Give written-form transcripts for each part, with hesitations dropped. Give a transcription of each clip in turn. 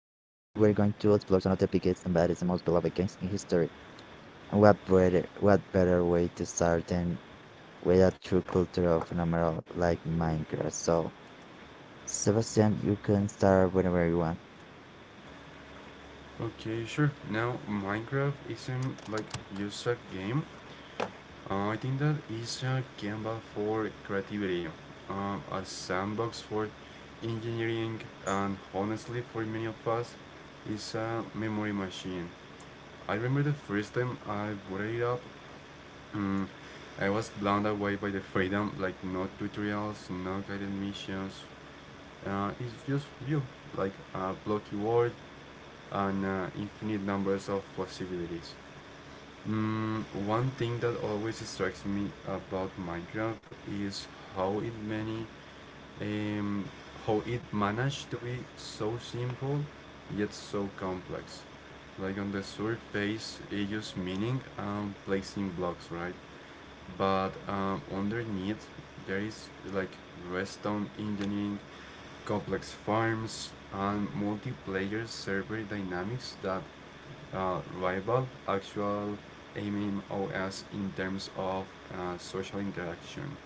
some of the biggest and baddest and most beloved games in history. And what better way to start than with a true cultural phenomenon like Minecraft? So, Sebastian, you can start whenever you want. Okay, sure. Now, Minecraft isn't just a game. I think that is a canvas for creativity, a sandbox for engineering, and honestly, for many of us, it's a memory machine. I remember the first time I booted it up. mm, I was blown away by the freedom, like no tutorials, no guided missions. It's just you, like a blocky world, and infinite numbers of possibilities. One thing that always strikes me about Minecraft is how it many um, how it managed to be so simple yet so complex. Like on the surface, it just meaning and placing blocks, right? But underneath, there is like redstone engineering, complex farms, and multiplayer server dynamics that rival actual MMOs in terms of social interaction.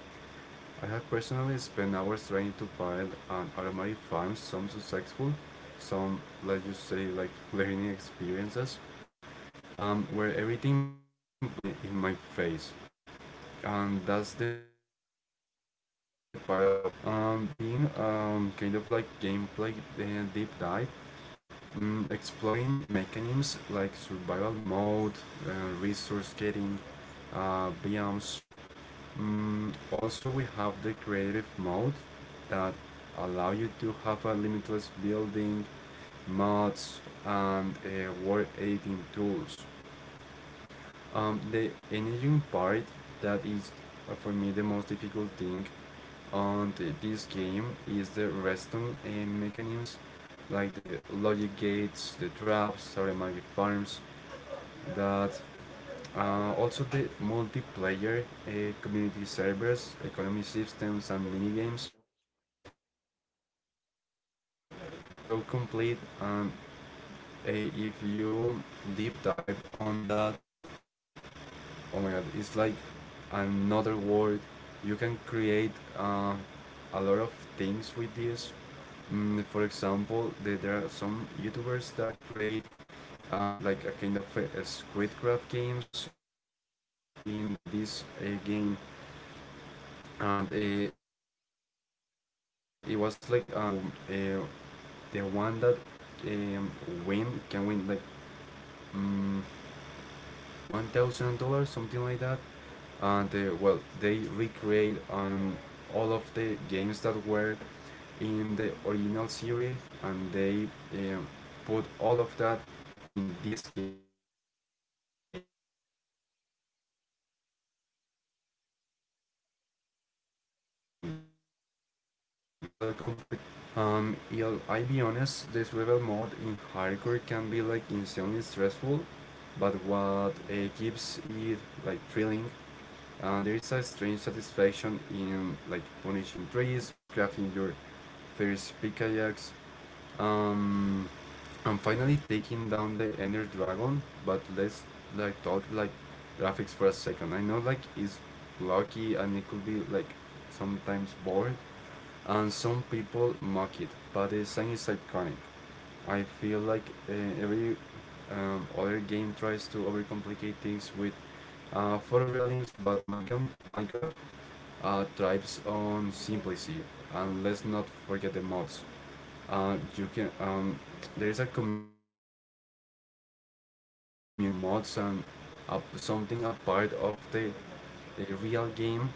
I have personally spent hours trying to build an automatic farm, some successful, some let's just say like learning experiences, where everything blew up in my face, and that's the part of the charm. Being kind of like gameplay uh, deep dive. Exploring mechanisms like survival mode, uh, resource getting, biomes. Also, we have the creative mode that allow you to have a limitless building, mods, and world editing tools. The engine part that is for me the most difficult thing on this game is the redstone mechanisms, like the logic gates, the traps, sorry, Saramagic farms, that also the multiplayer community servers, economy systems, and minigames. I mean, this game is so complete, and if you deep dive on that, oh my god, it's like another world. You can create uh, a lot of things with this. For example, there are some YouTubers that create like a kind of a Squidcraft games in, well, in this game, and it was like a tournament who uh, the one that um, win can win like. Mm, $1,000, something like that. And well, they recreate all of the games that were in the original series, and they um, put all of that in this game. Um, of course, like having more games into that because it's a real competition and it was pretty popular. Yeah, I be honest, this rebel mode in hardcore can be like insanely stressful, but what keeps it like thrilling, there is a strange satisfaction in like punishing trees, crafting your first pickaxe, um, and finally taking down the Ender Dragon. But let's like talk like graphics for a second. I know like it's blocky and it could be like sometimes bored, and some people mock it, but the design is iconic. I feel like uh, every other game tries to overcomplicate things with photorealism, but Minecraft thrives on simplicity. And let's not forget the mods. You can, there's a community that create like mods and up something a part of the real game.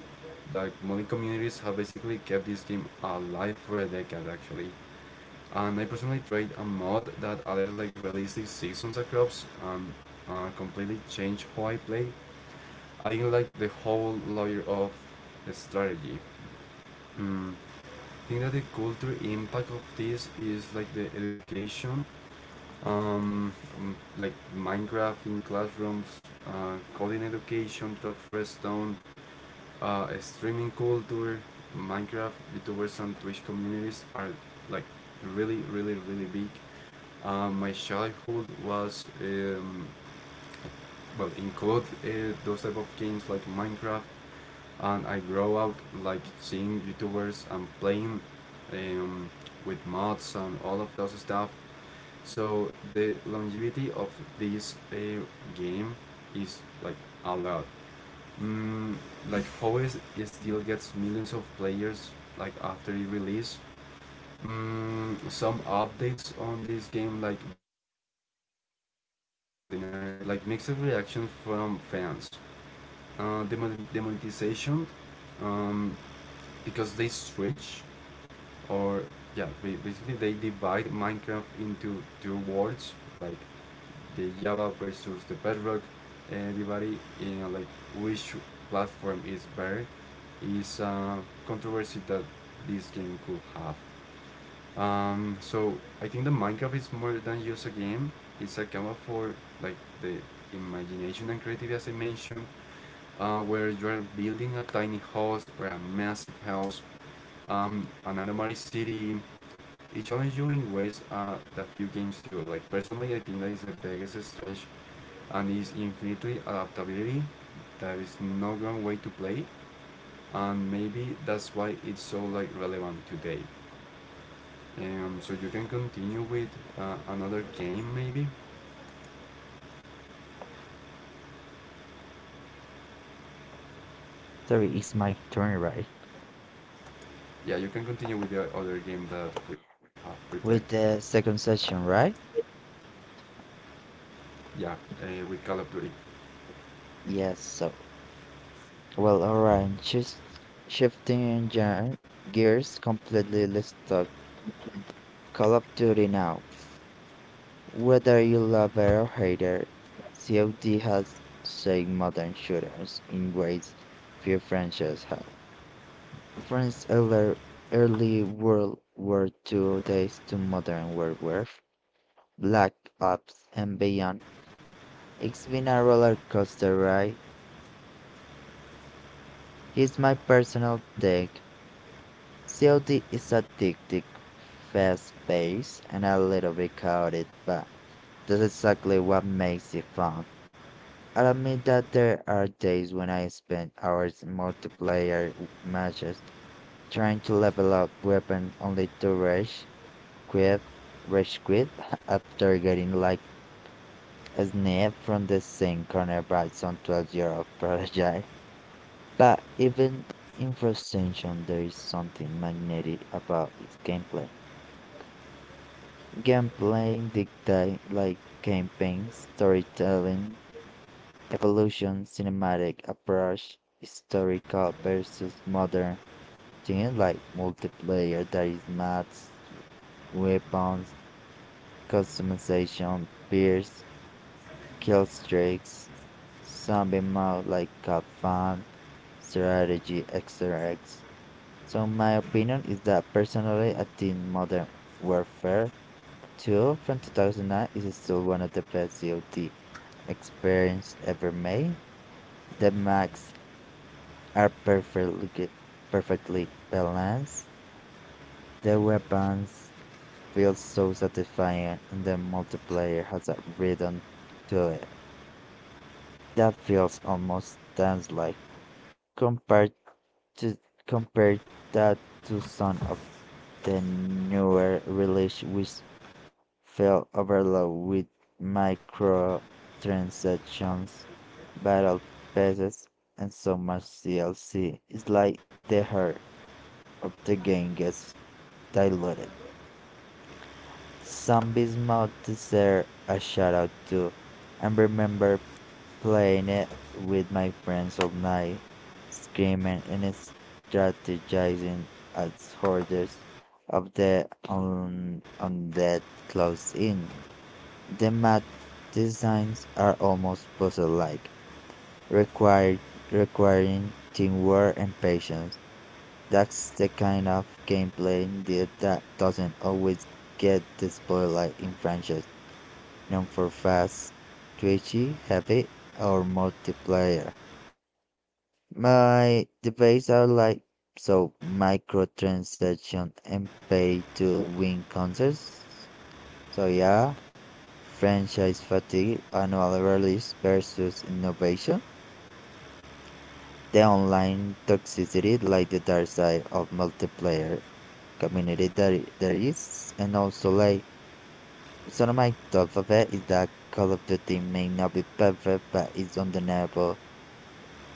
Like many communities have basically kept this game alive for a decade actually, and I personally tried a mod that added like realistic seasons and crops, and completely changed how I play. I like the whole layer of strategy. mm. I think that the cultural impact of this is like the education, um, like Minecraft in classrooms, coding education, drop redstone, streaming culture, Minecraft, YouTubers, and Twitch communities are like really, really, really big. My childhood was well include those type of games like Minecraft, and I grow up like seeing YouTubers and playing um, with mods and all of those stuff. So the longevity of this game is like a lot. Mm, like how is it still gets millions of players like after it release. Some updates on this game like the nerd update, the Kips and Cliff, like mixed reactions from fans. Uh, the mon- um, because they switch or yeah, basically they divide Minecraft into two worlds, like the Java versus the Bedrock, and everybody, you know, like which platform is better is a controversy that this game could have. So I think that Minecraft is more than just a game. It's a camera for like the imagination and creativity, as I mentioned, where you are building a tiny house or a massive house, an anomaly city. It challenges you in ways that few games do. Like personally, I think that is the biggest strange, and is infinitely adaptability. There is no wrong way to play, and maybe that's why it's so like relevant today. So you can continue with another game, maybe. Sorry, it's my turn, right? Yeah, you can continue with the other game that we have prepared. With the second session, right? Yeah, with Call of Duty. Yes. So, well, all right. Just shifting gears completely. Let's talk Call of Duty now. Whether you love it or hate it, COD has saved modern shooters in ways few franchises have. France's early World War 2 days to modern World War, Black Ops, and beyond. It's been a roller coaster ride. Here's my personal take: COD is addictive, fast-paced, and a little bit chaotic, but that's exactly what makes it fun. I'll admit that there are days when I spend hours in multiplayer matches trying to level up weapons only to rage quit, quit after getting like a snap from the same corner by some 12-year-old prodigy. But even in frustration, there is something magnetic about its gameplay. Gameplay dictate like campaigns, storytelling, evolution, cinematic approach, historical versus modern things like multiplayer that is maps, weapons, customization, peers, kill streaks, zombie mode like cap fun, strategy, XRX. So my opinion is that personally I think modern warfare Two from 2009 is still one of the best COD experiences ever made. The mechs are perfectly balanced, the weapons feel so satisfying, and the multiplayer has a rhythm to it that feels almost dance-like. Compared to compared that to some of the newer releases, which fell overload with microtransactions, battle passes, and so much DLC. It's like the heart of the game gets diluted. Zombies mod deserve a shout out too. I remember playing it with my friends all night, screaming and strategizing as hordes of the undead close in. The matte designs are almost puzzle-like, required, requiring teamwork and patience. That's the kind of gameplay indeed that doesn't always get the spotlight in franchises known for fast, twitchy, heavy, or multiplayer. My debates are like so microtransaction and pay to win concerts. So yeah. Franchise fatigue, annual release versus innovation, the online toxicity, like the dark side of multiplayer community that there is, and also like sort of my thought for that is that Call of Duty may not be perfect, but it's undeniable,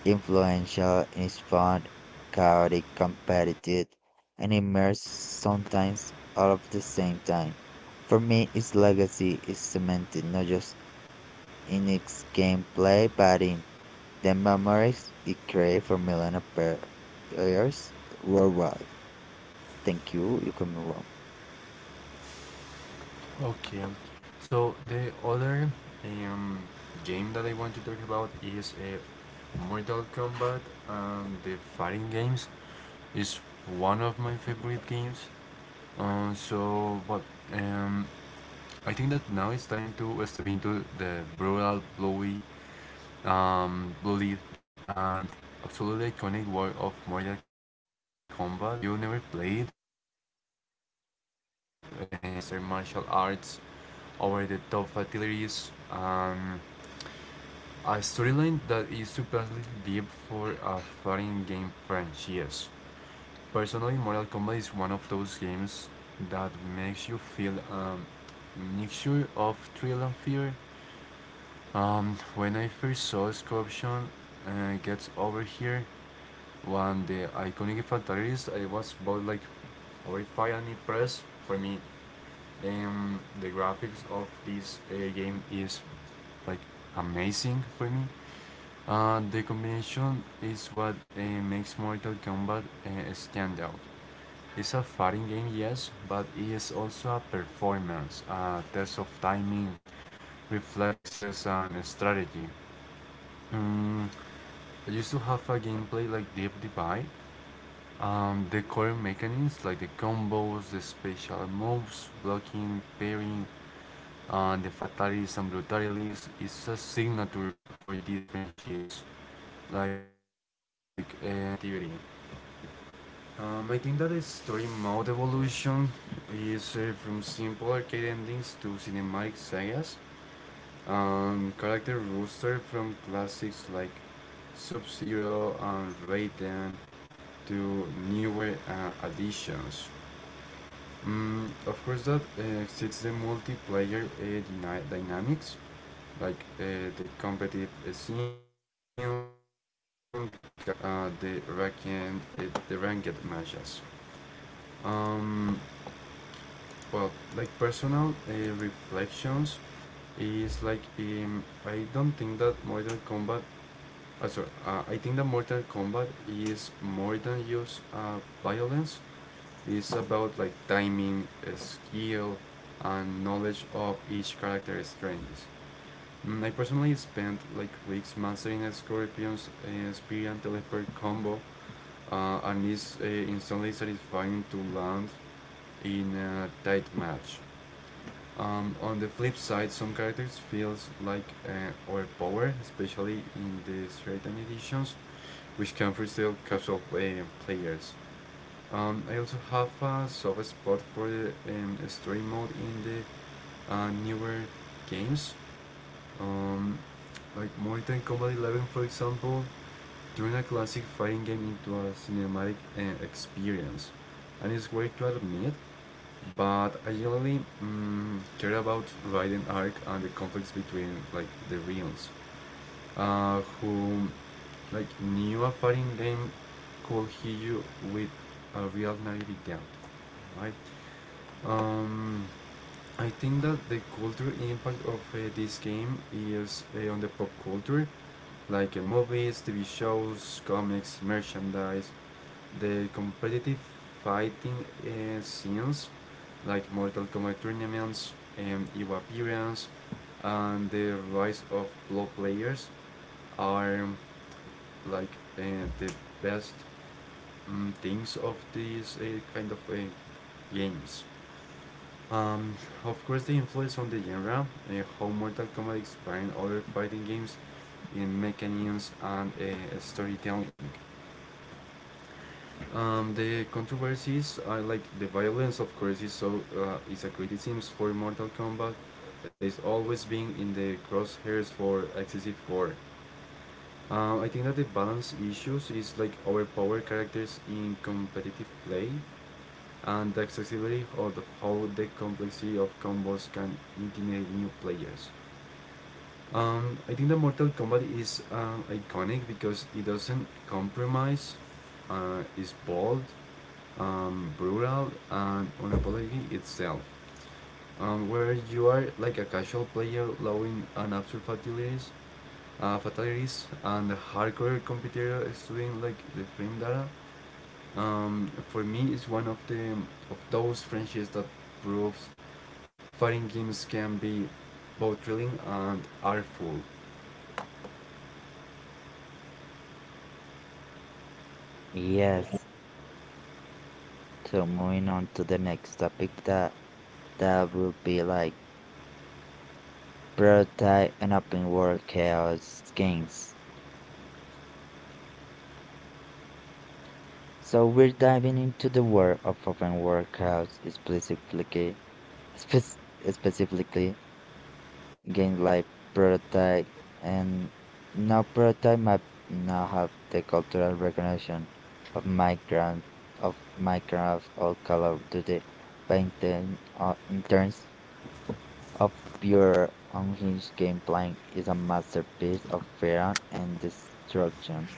influential, and it's fun, chaotic, competitive, and immersive sometimes all of the same time. For me, its legacy is cemented, not just in its gameplay but in the memories it created for millions of players worldwide. Thank you. You can move on. Okay. So the other um, game that I want to talk about is Mortal Kombat, and the fighting games is one of my favorite games. So, but um, I think that now it's time to step into the brutal, blowy, bloody, and absolutely iconic world of Mortal Kombat. If you never played, uh, I mean, imagine a game that combines in certain martial arts, over the top fatalities. A storyline that is surprisingly deep for a fighting game franchise. Personally, Mortal Kombat is one of those games that makes you feel a mixture of thrill and fear. When I first saw Scorpion gets over here, when the iconic fatalities, I was both like horrified and impressed. For me, the graphics of this game is like amazing for me. The combination is what makes Mortal Kombat stand out. It's a fighting game, yes, but it is also a performance, a test of timing, reflexes, and strategy. Mm, I used to have a gameplay like Deep Divide. The core mechanics like the combos, the special moves, blocking, parrying, the fatalities and brutalities is a signature for different shields. Like the player creativity. I think that the story mode evolution is from simple arcade endings to cinematic sagas. Character roster from classics like Sub Zero and Raiden to newer additions. Of course, that exceeds the multiplayer dynamics like the competitive scene, casual play, and uh, the ranked uh, the ranked matches. Um, well, like personal reflections is like I don't think that Mortal Kombat. I think that Mortal Kombat is more than just violence. It's about like timing, skill, and knowledge of each character's strengths. I personally spent like weeks mastering Scorpion's spear and teleport combo, and is instantly satisfying to land in a tight match. On the flip side, some characters feels like overpowered, especially in the certain editions, which can frustrate casual players. I also have a soft spot for the story mode in the newer games. Um, like Mortal Kombat 11, for example, turn a classic fighting game into a cinematic experience, and it's weird to admit, but I generally care about Raiden arc and the conflicts between like the realms, who like knew a fighting game could hit you with a real narrative doubt, right? Um, I think that the cultural impact of this game is on the pop culture, like movies, TV shows, comics, merchandise, the competitive fighting scenes, like Mortal Kombat tournaments, EVO appearance, and the rise of pro players are like the best things of these kind of games. Um, of course, the influence on the genre, how Mortal Kombat inspired other fighting games in mechanisms and storytelling. The controversies are like the violence, of course, is so is a criticism for Mortal Kombat. Is always being in the crosshairs for excessive gore. I think that the balance issues is like overpowered characters in competitive play, and the accessibility of how the complexity of combos can intimidate new players. I think the Mortal Kombat is iconic because it doesn't compromise. It's bold, brutal, and unapologetic itself. Where you are like a casual player allowing an absurd fatalities, and a hardcore competitor student like the frame data, for me, it's one of the of those friendships that proves fighting games can be both thrilling and artful. Yes. So moving on to the next topic, that will be like prototype and open world chaos games. So we're diving into the world of open world chaos spec- specifically, game like prototype. And now prototype might now have the cultural recognition of Minecraft or Call of Duty painting in terms of pure unhinged gameplay is a masterpiece of fear and destruction.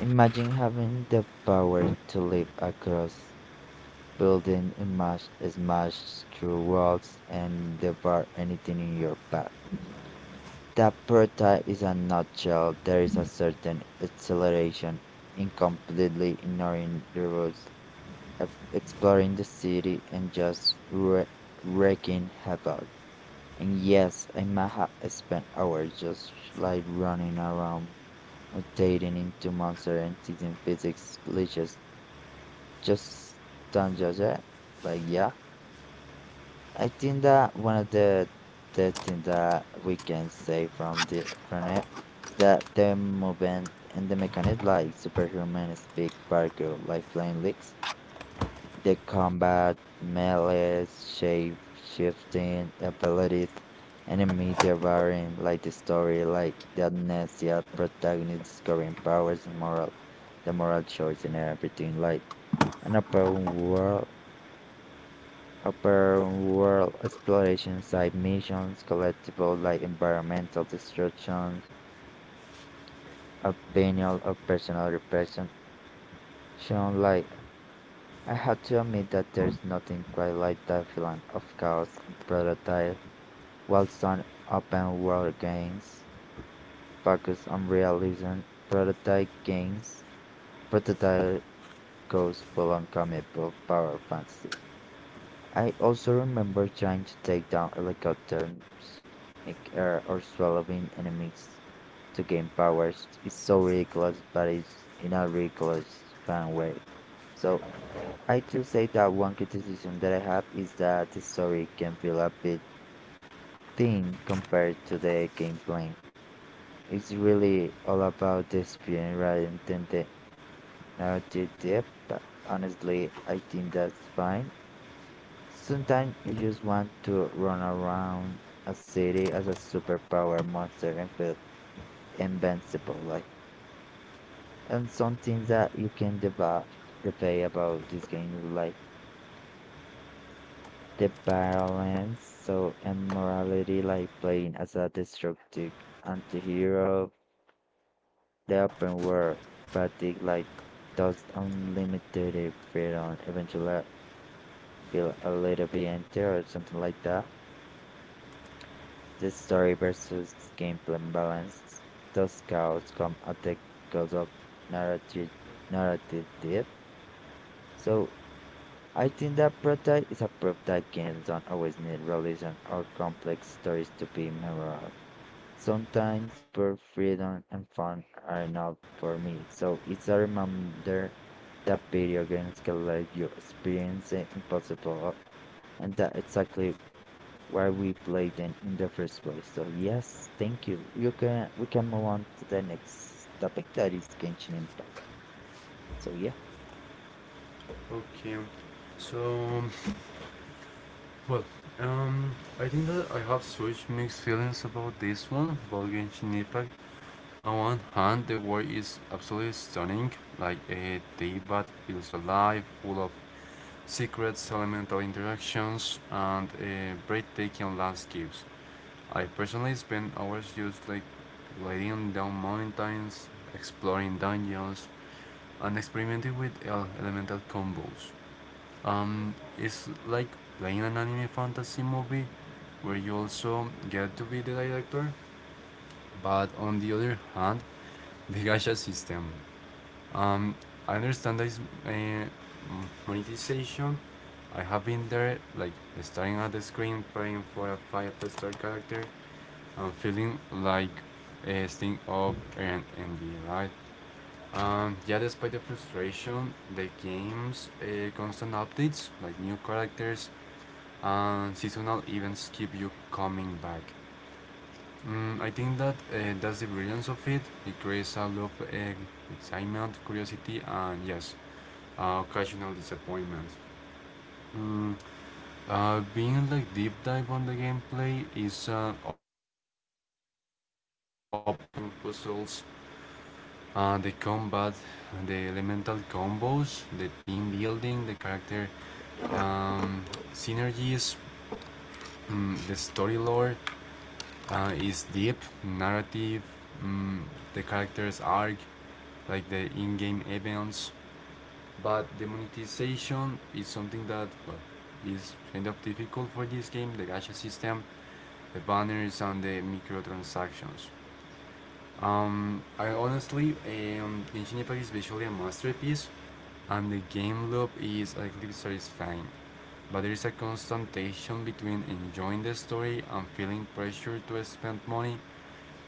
Imagine having the power to leap across buildings, and mash, smash through walls and devour anything in your path. The prototype is a nutshell; there is a certain acceleration in completely ignoring the roads, exploring the city, and just wreaking havoc. And yes, I might have spent hours just like running around mutating into monsters and teasing physics glitches. Just don't judge it. Like, yeah. I think that one of the things that we can say from the from it is that the movement and the mechanics like superhuman speak Parker like flying leaks. The combat, melee, shape shifting abilities, enemy devouring like the story, like the amnesia, protagonist discovering powers and moral the moral choice and everything, like an open world exploration side missions, collectibles like environmental destruction, opinion or personal repression. Shown like I had to admit that there's nothing quite like that feeling of chaos in prototype. While some open world games focus on realism, prototype games prototype goes full on comic book power fantasy. I also remember trying to take down helicopters in air or swallowing enemies to gain powers. It's so ridiculous, but it's in a ridiculous fun way. So I do say that one criticism that I have is that the story can feel a bit thin compared to the gameplay. It's really all about the experience rather than the narrative depth, but honestly I think that's fine. Sometimes you just want to run around a city as a superpower monster and feel invincible. Like, and some things that you can debate about this game is like the balance, so and morality, like playing as a destructive anti-hero, the open world fatigue, like those unlimited freedom, eventually feel a little bit empty or something like that. The story versus gameplay balance. Those scouts come at the cost of narrative, narrative depth. So I think that Prota is a proof that games don't always need realism or complex stories to be memorable. Sometimes pure freedom and fun are enough for me. So it's a reminder that video games can let you experience the impossible, and that's exactly why we played in the first place. So yes, thank you. You can we can move on to the next topic that is Genshin Impact. So yeah. Okay, so, well, I think that I have such mixed feelings about this one, about Genshin Impact. On one hand, the world is absolutely stunning, like a Teyvat feels alive, full of secrets, elemental interactions, and breathtaking landscapes. I personally spend hours just like gliding down mountains, exploring dungeons, and experimenting with elemental combos. It's like playing an anime fantasy movie where you also get to be the director. But on the other hand, the gacha system. Um, I understand that it's uh, monetization. I have been there, like staring at the screen, praying for a five-star character. I'm feeling like a sting of and ending, right? Yeah, despite the frustration, the game's constant updates, like new characters and seasonal events, keep you coming back. Mm, I think that that's the brilliance of it. It creates a lot of excitement, curiosity, and yes, occasional disappointment. Mm, being like deep dive on the gameplay is open world exploration, like leading, climbing, puzzles. The combat, the elemental combos, the team building, the character um, synergies, mm, the story lore is deep, narrative, mm, the character's arc, like the in game events. But the monetization is something that, well, is kind of difficult for this game, the gacha system, the banners, and the microtransactions. I honestly, Genshin Impact is visually a masterpiece and the game loop is a little satisfying. But there is a constant tension between enjoying the story and feeling pressure to spend money.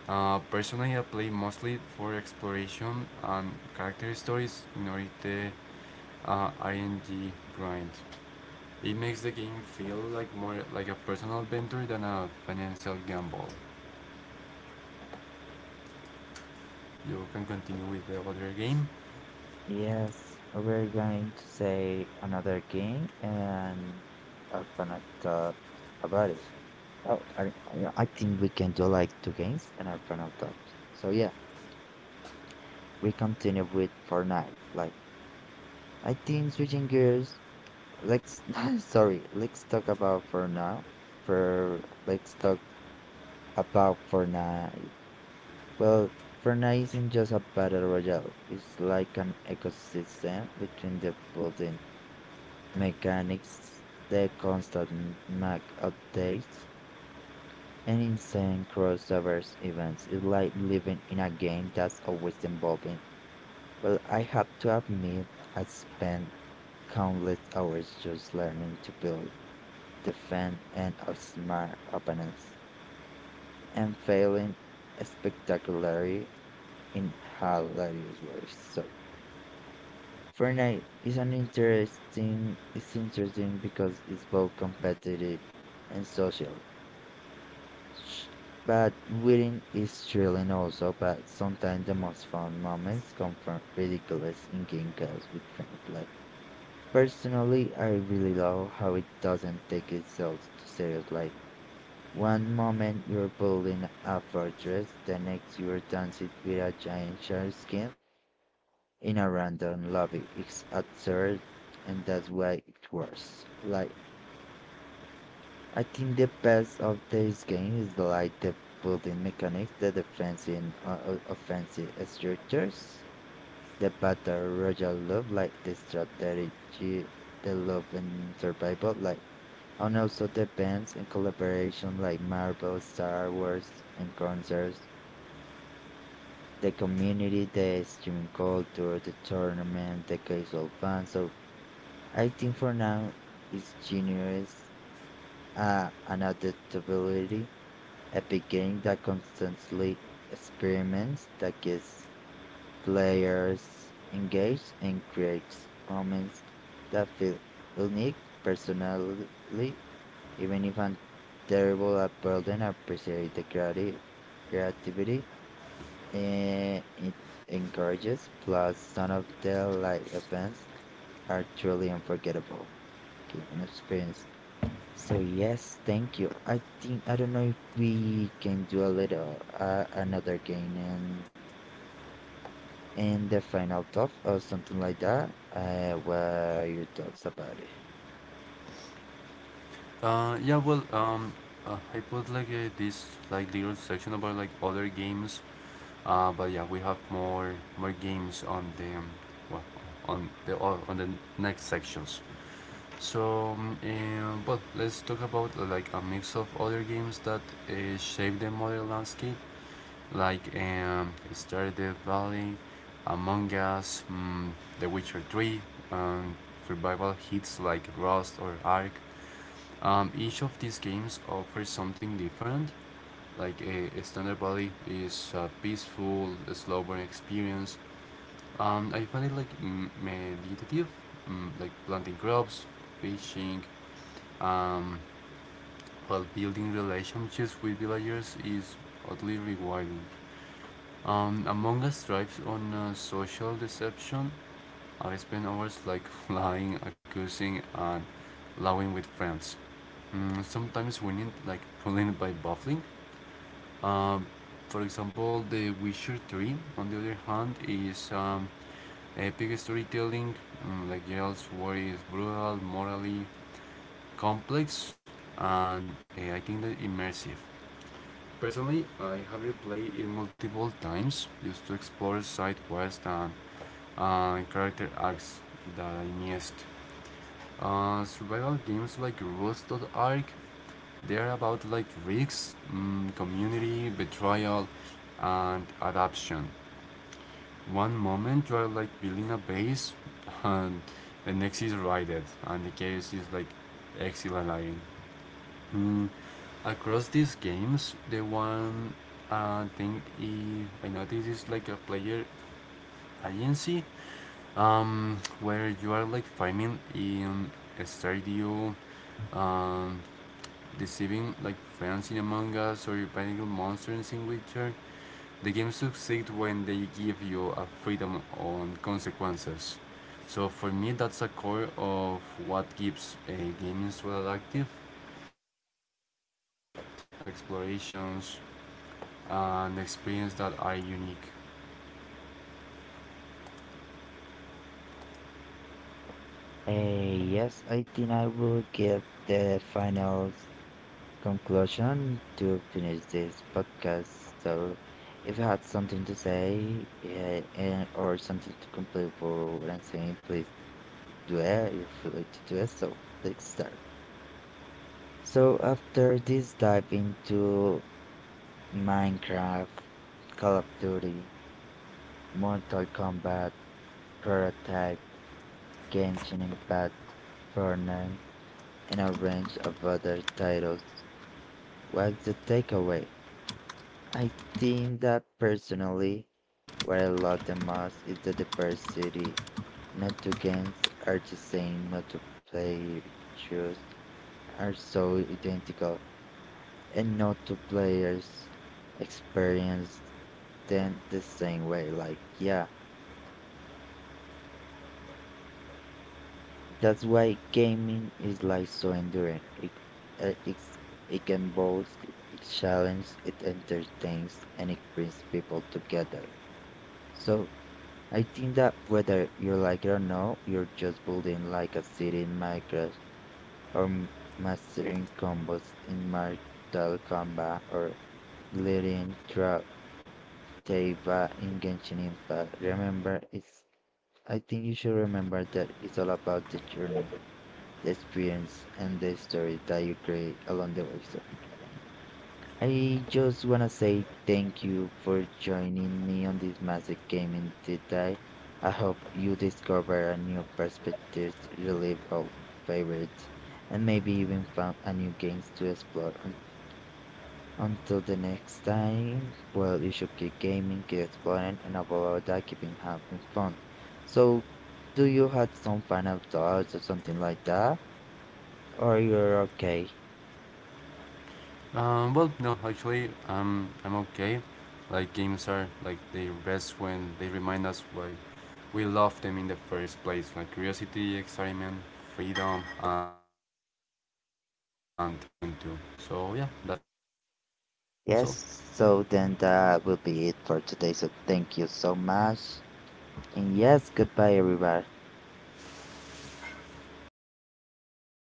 Personally, I play mostly for exploration and character stories in order the RNG grind. It makes the game feel like more like a personal adventure than a financial gamble. You can continue with the other game. Yes, we're going to say another game and I'm gonna talk about it. Oh, I think we can do like two games and our final talk. So yeah, we continue with Fortnite. Like I think switching gears. Let's sorry. Let's talk about for now. For let's talk A pub Fortnite. Well, Fortnite isn't just a battle royale. It's like an ecosystem between the building mechanics, the constant Mac updates, and insane crossovers events. It's like living in a game that's always evolving. Well, I have to admit, I spent countless hours just learning to build, defend, and outsmart opponents, and failing spectacularly in hilarious ways. So Fortnite is an interesting it's interesting because it's both competitive and social. But winning is thrilling also, but sometimes the most fun moments come from ridiculous in-game chaos with friends. Like personally, I really love how it doesn't take itself too serious. Like one moment you're building a fortress, the next you're dancing with a giant shark skin, in a random lobby. It's absurd, and that's why it works. Like I think the best of this game is like the building mechanics, the defensive and offensive structures, the battle royal love like the strategy, the love and survival like, and also the bands and collaboration like Marvel, Star Wars, and concerts, the community, the streaming culture, the tournament, the casual fans. So I think for now it's generous, an adaptability, a beginning that constantly experiments, that gets players engaged and creates moments that feel unique personally, even if I'm terrible at building, I appreciate the creativity and it encourages, plus some of the live events are truly unforgettable gaming experience. So yes, thank you. I think I don't know if we can do a little another game and the final thought or something like that. What are your thoughts about it? Yeah, well, I put like this like little section about like other games. But yeah, we have more games on the well, on the on the next sections. So, but let's talk about like a mix of other games that shape the modern landscape, like Stardew Valley, Among Us, The Witcher 3, and survival hits like Rust or Ark. Each of these games offers something different, like a standard body is a peaceful, slow burn experience. I find it like meditative, mm, like planting crops, fishing, um, while building relationships with villagers is oddly rewarding. Among Us thrives on social deception. I spend hours like lying, accusing, and laughing with friends. Mm, sometimes winning, like pulling by baffling. Um, for example, The Witcher 3, on the other hand, is epic storytelling. Mm, like Gerald's War is brutal, morally complex, and I think that immersive. Personally, I have replayed it multiple times just to explore side quests and character arcs that I missed. Survival games like Rust, dot Ark, they are about like risks, mm, community, betrayal, and adaption. One moment you are like building a base, and the next is raided, and the chaos is like exhilarating. Mm, across these games, the one thing I noticed is like a player agency, where you are like farming in a Stardew, um, deceiving like friends in Among Us or battling monsters in Witcher. The game succeeds when they give you a freedom on consequences. So for me, that's a core of what keeps a game so active, like choice matters, explorations, and experience that are unique. Yes, I think I will give the final conclusion to finish this podcast. So if you had something to say yeah, and, or something to complete for what I'm saying, please do it. You're free to do it. So let's start. So after this dive into Minecraft, Call of Duty, Mortal Kombat, Prototype, Genshin Impact, Fortnite, and a range of other titles, what's the takeaway? I think that personally, what I love the most is the diversity. Not two games are the same, not two playthroughs are so identical, and not two players experience them the same way. Like, yeah, that's why gaming is like so enduring. Uh, it's, it can both it challenges, it entertains, and it brings people together. So I think that whether you like it or no, you're just building like a city in Minecraft or mastering combos in Mortal Kombat or leading throughout Teiba in Genshin Impact. Remember, it's. I think you should remember that it's all about the journey, the experience, and the story that you create along the way. So I just wanna say thank you for joining me on this massive gaming deep dive. I hope you discover a new perspective, relive old favorites, and maybe even found a new games to explore. Until the next time, well, you should keep gaming, keep exploring, and above all that, keeping having fun. So, do you have some final thoughts or something like that? Or you're okay? Well, no, actually, I'm okay. Like games are like their best when they remind us why we love them in the first place, like curiosity, excitement, freedom, and well, connection to. So yeah, that's all. Thank you so much for Yes, so then that will be it for today. So, thank you so much. And yes, goodbye, everybody.